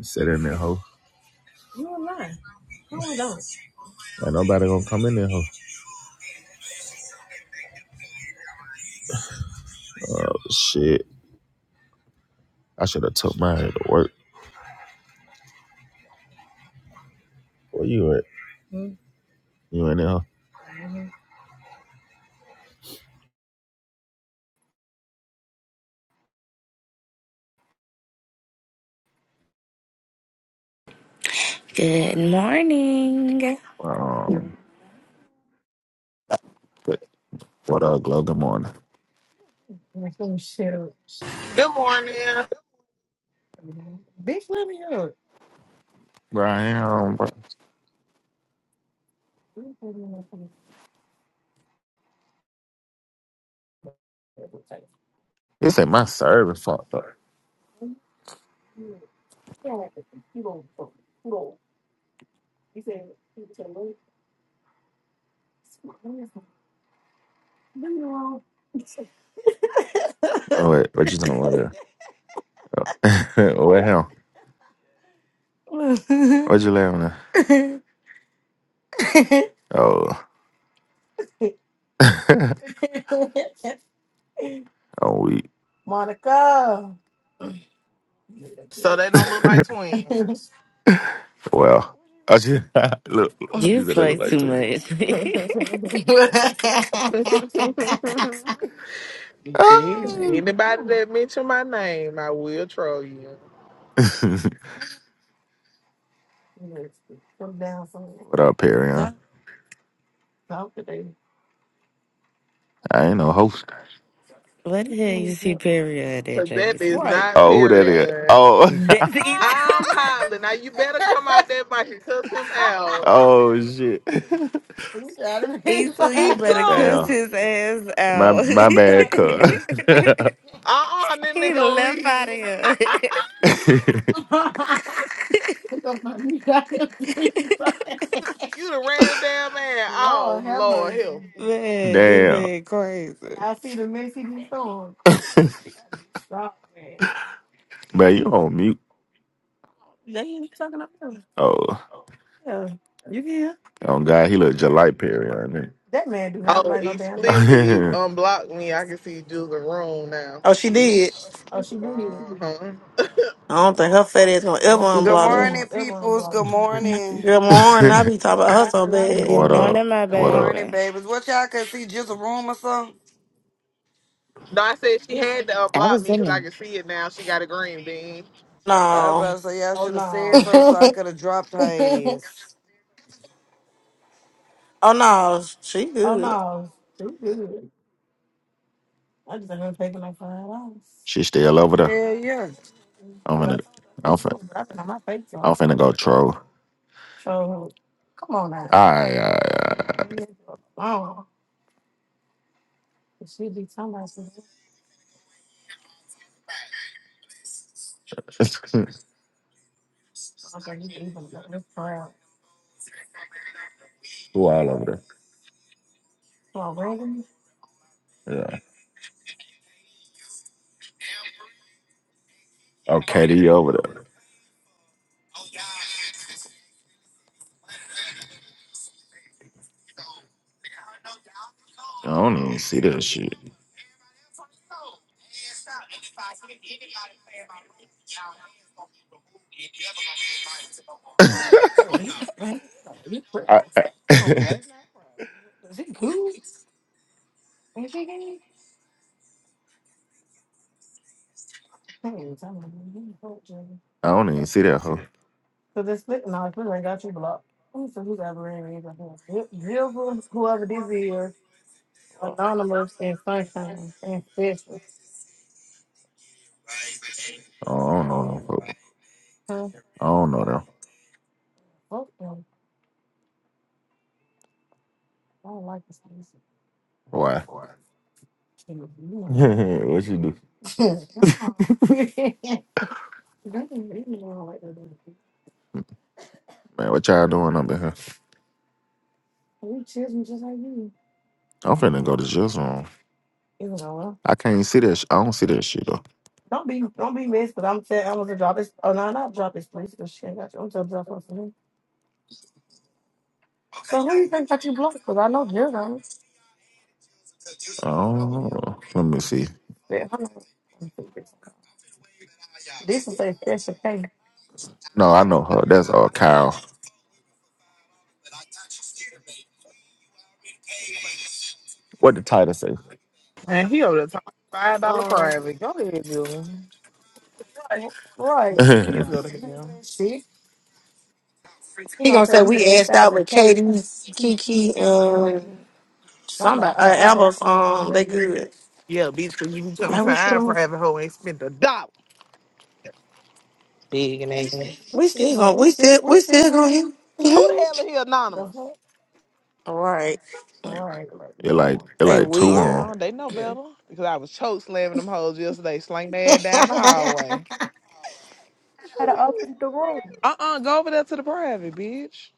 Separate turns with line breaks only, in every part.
Sit in there, hoe. Ain't nobody gonna come in there, hoe. Oh, Shit. I should have took my head to work. Where you at? You in there, hoe?
Good morning.
Um, what up, Glow? Good morning.
Good morning.
Bro, I am, bro. This ain't my service fucked up. Oh, wait, what you talking about there? what hell? What you laughing at? Oh, I'm weak.
So they don't look like twins.
Well, I just, look,
You
you said that
play
look like
too
three.
much.
Bitch, anybody that mention my name, I will troll you.
what up, Perry? huh? I ain't no host.
what the hell you see Perry at that
Cause that is
JBC?
not
Oh, who that is?
period.
Oh,
That's Issa,
I'm hollering. Now you better come out there mic and cuss him out.
oh shit.
Issa,
E
you better cuss
Damn.
too.
his ass
My
out.
my bad,
Uh-uh, that nigga
he
gonna
left out of
leave.
here.
cuz.
You done ran the damn man. Oh Lord help.
man, this
Damn.
man crazy.
Man, you on mute. Oh, oh God, he look just like Perry on me.
Oh, explicit
Perry.
unblocked me. I can see Jules room now,
Oh, she did.
bitch. Uh-huh.
I don't think her fat ass gonna ever
Good
unblock me.
morning, peoples. Good morning.
Good morning. I be talking
what Good
about her so bad.
Good
up?
morning, my
Good
What up?
morning,
baby.
babies. What y'all could see just a room or something?
No, I said she had to
I
unblock
was
me
in
because
there.
I can see it now. She got a green bean.
I was
No.
about to say y'all should have said something so I could have dropped her ass.
Oh no, she good.
hours. She still over there.
Hell yeah.
I'm finna, I'm finna, I'm finna go troll. All right, all right, all right. Who all over there? Yeah. Okay, KD over there. I don't even see that shit. I, I, I don't even see that hoe. Oh, I don't know no hoe. I don't know them. Why? what you do? Man, what y'all doing up in here? I'm finna go to jail room. I can't see that. Sh- I don't see that shit though. I don't know. Let me see. No, I know her. That's all Kyle. What?
And he over the top five dollar private. Go ahead, Jules. Please
it
go to hell.
He gonna say we asked out with Katie, Kiki, and somebody. Uh, Amber. Um, they good.
Yeah, bitch, because you can come
Like
to
we
our
still,
private hoe and spend a dollar. Big and ass.
we still gonna, we still, we still gonna
Who the hell
hit.
is he? anonymous?
All right,
like it
they
like two
Uh
weird.
on.
huh. They know better. Because I was choke slamming them hoes yesterday, slang their ass down the hallway.
had to open the room.
Uh uh go over there to the private, bitch.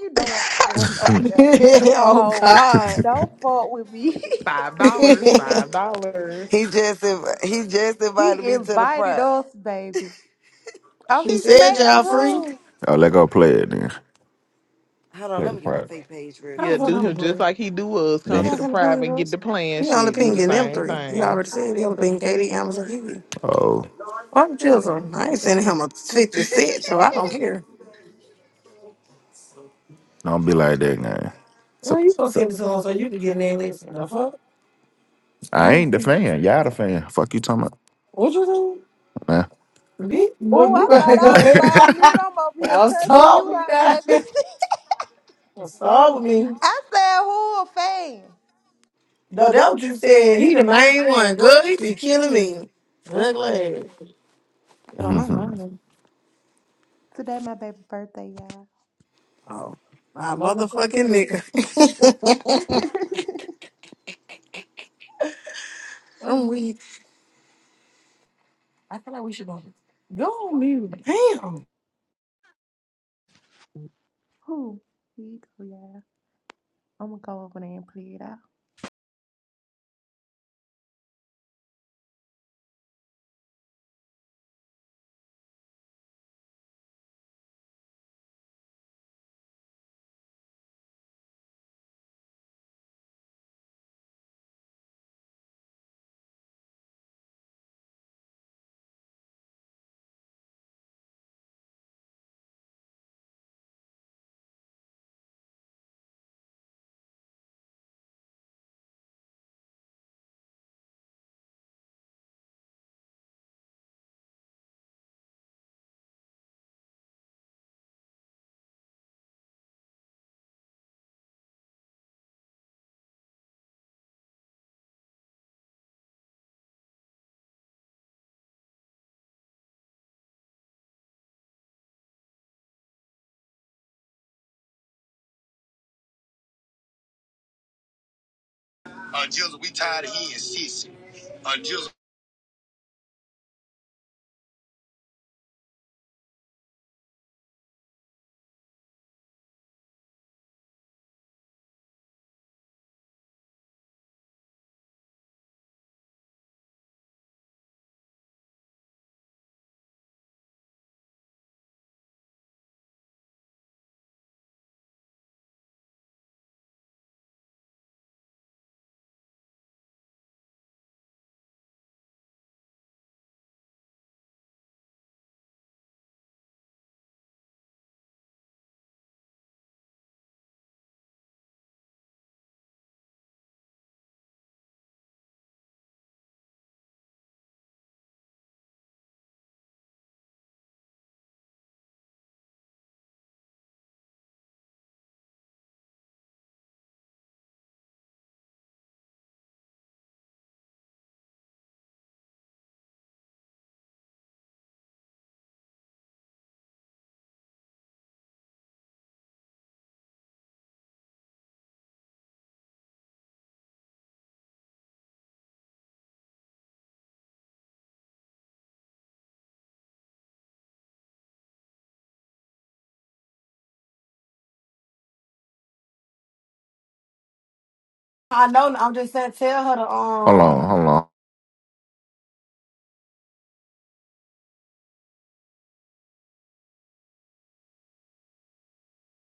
You know what's going on there.
oh
Ho,
God.
don't fuck with me.
Five
he
dollars, five dollars.
He just inv- he just invited
he
me to the
invited
prop.
us, baby. Oh, he
said
smacked the
y'all free.
room.
oh, let go play it then.
Hold on,
Play
let
the
me get my
part.
fake page real
How the
Yeah,
quick.
fuck
do
I'm
him just
playing?
like he do us.
He
Come to
not
the
gonna ping
private, get
us.
the plan
He only
shit, do the
pinging them
same
three. He
thing.
already said he only pinging Katie, Amazon, Kiki.
oh,
Fuck Chisholm. I ain't sending him a 50 cent, so I don't care.
don't be like that, man.
Well, you supposed to send this one, but you can get an name listen. The fuck?
I
I ain't
ain't the
seen that.
fan.
shit,
Y'all the
y'all.
fan. Fuck you talking
What you
about,
think? Me? Well,
Oh,
you
I thought
better go
I was
ahead.
off mute. I'm over here
I'll
cussing
stop
you
me
out,
now.
JB.
I'll stop with me.
I said, who a fan?
No, that what you said. He the main one. Good, he be killing me. Good lad. Get
in.
on
man.
my
ahead.
nerve.
Today my baby birthday, y'all.
Oh, my motherfucking nigga. I'm weak.
Who? Here you go, y'all. I'm gonna go over there and play it out.
Until we tired of hearing sissy. Until
hold on.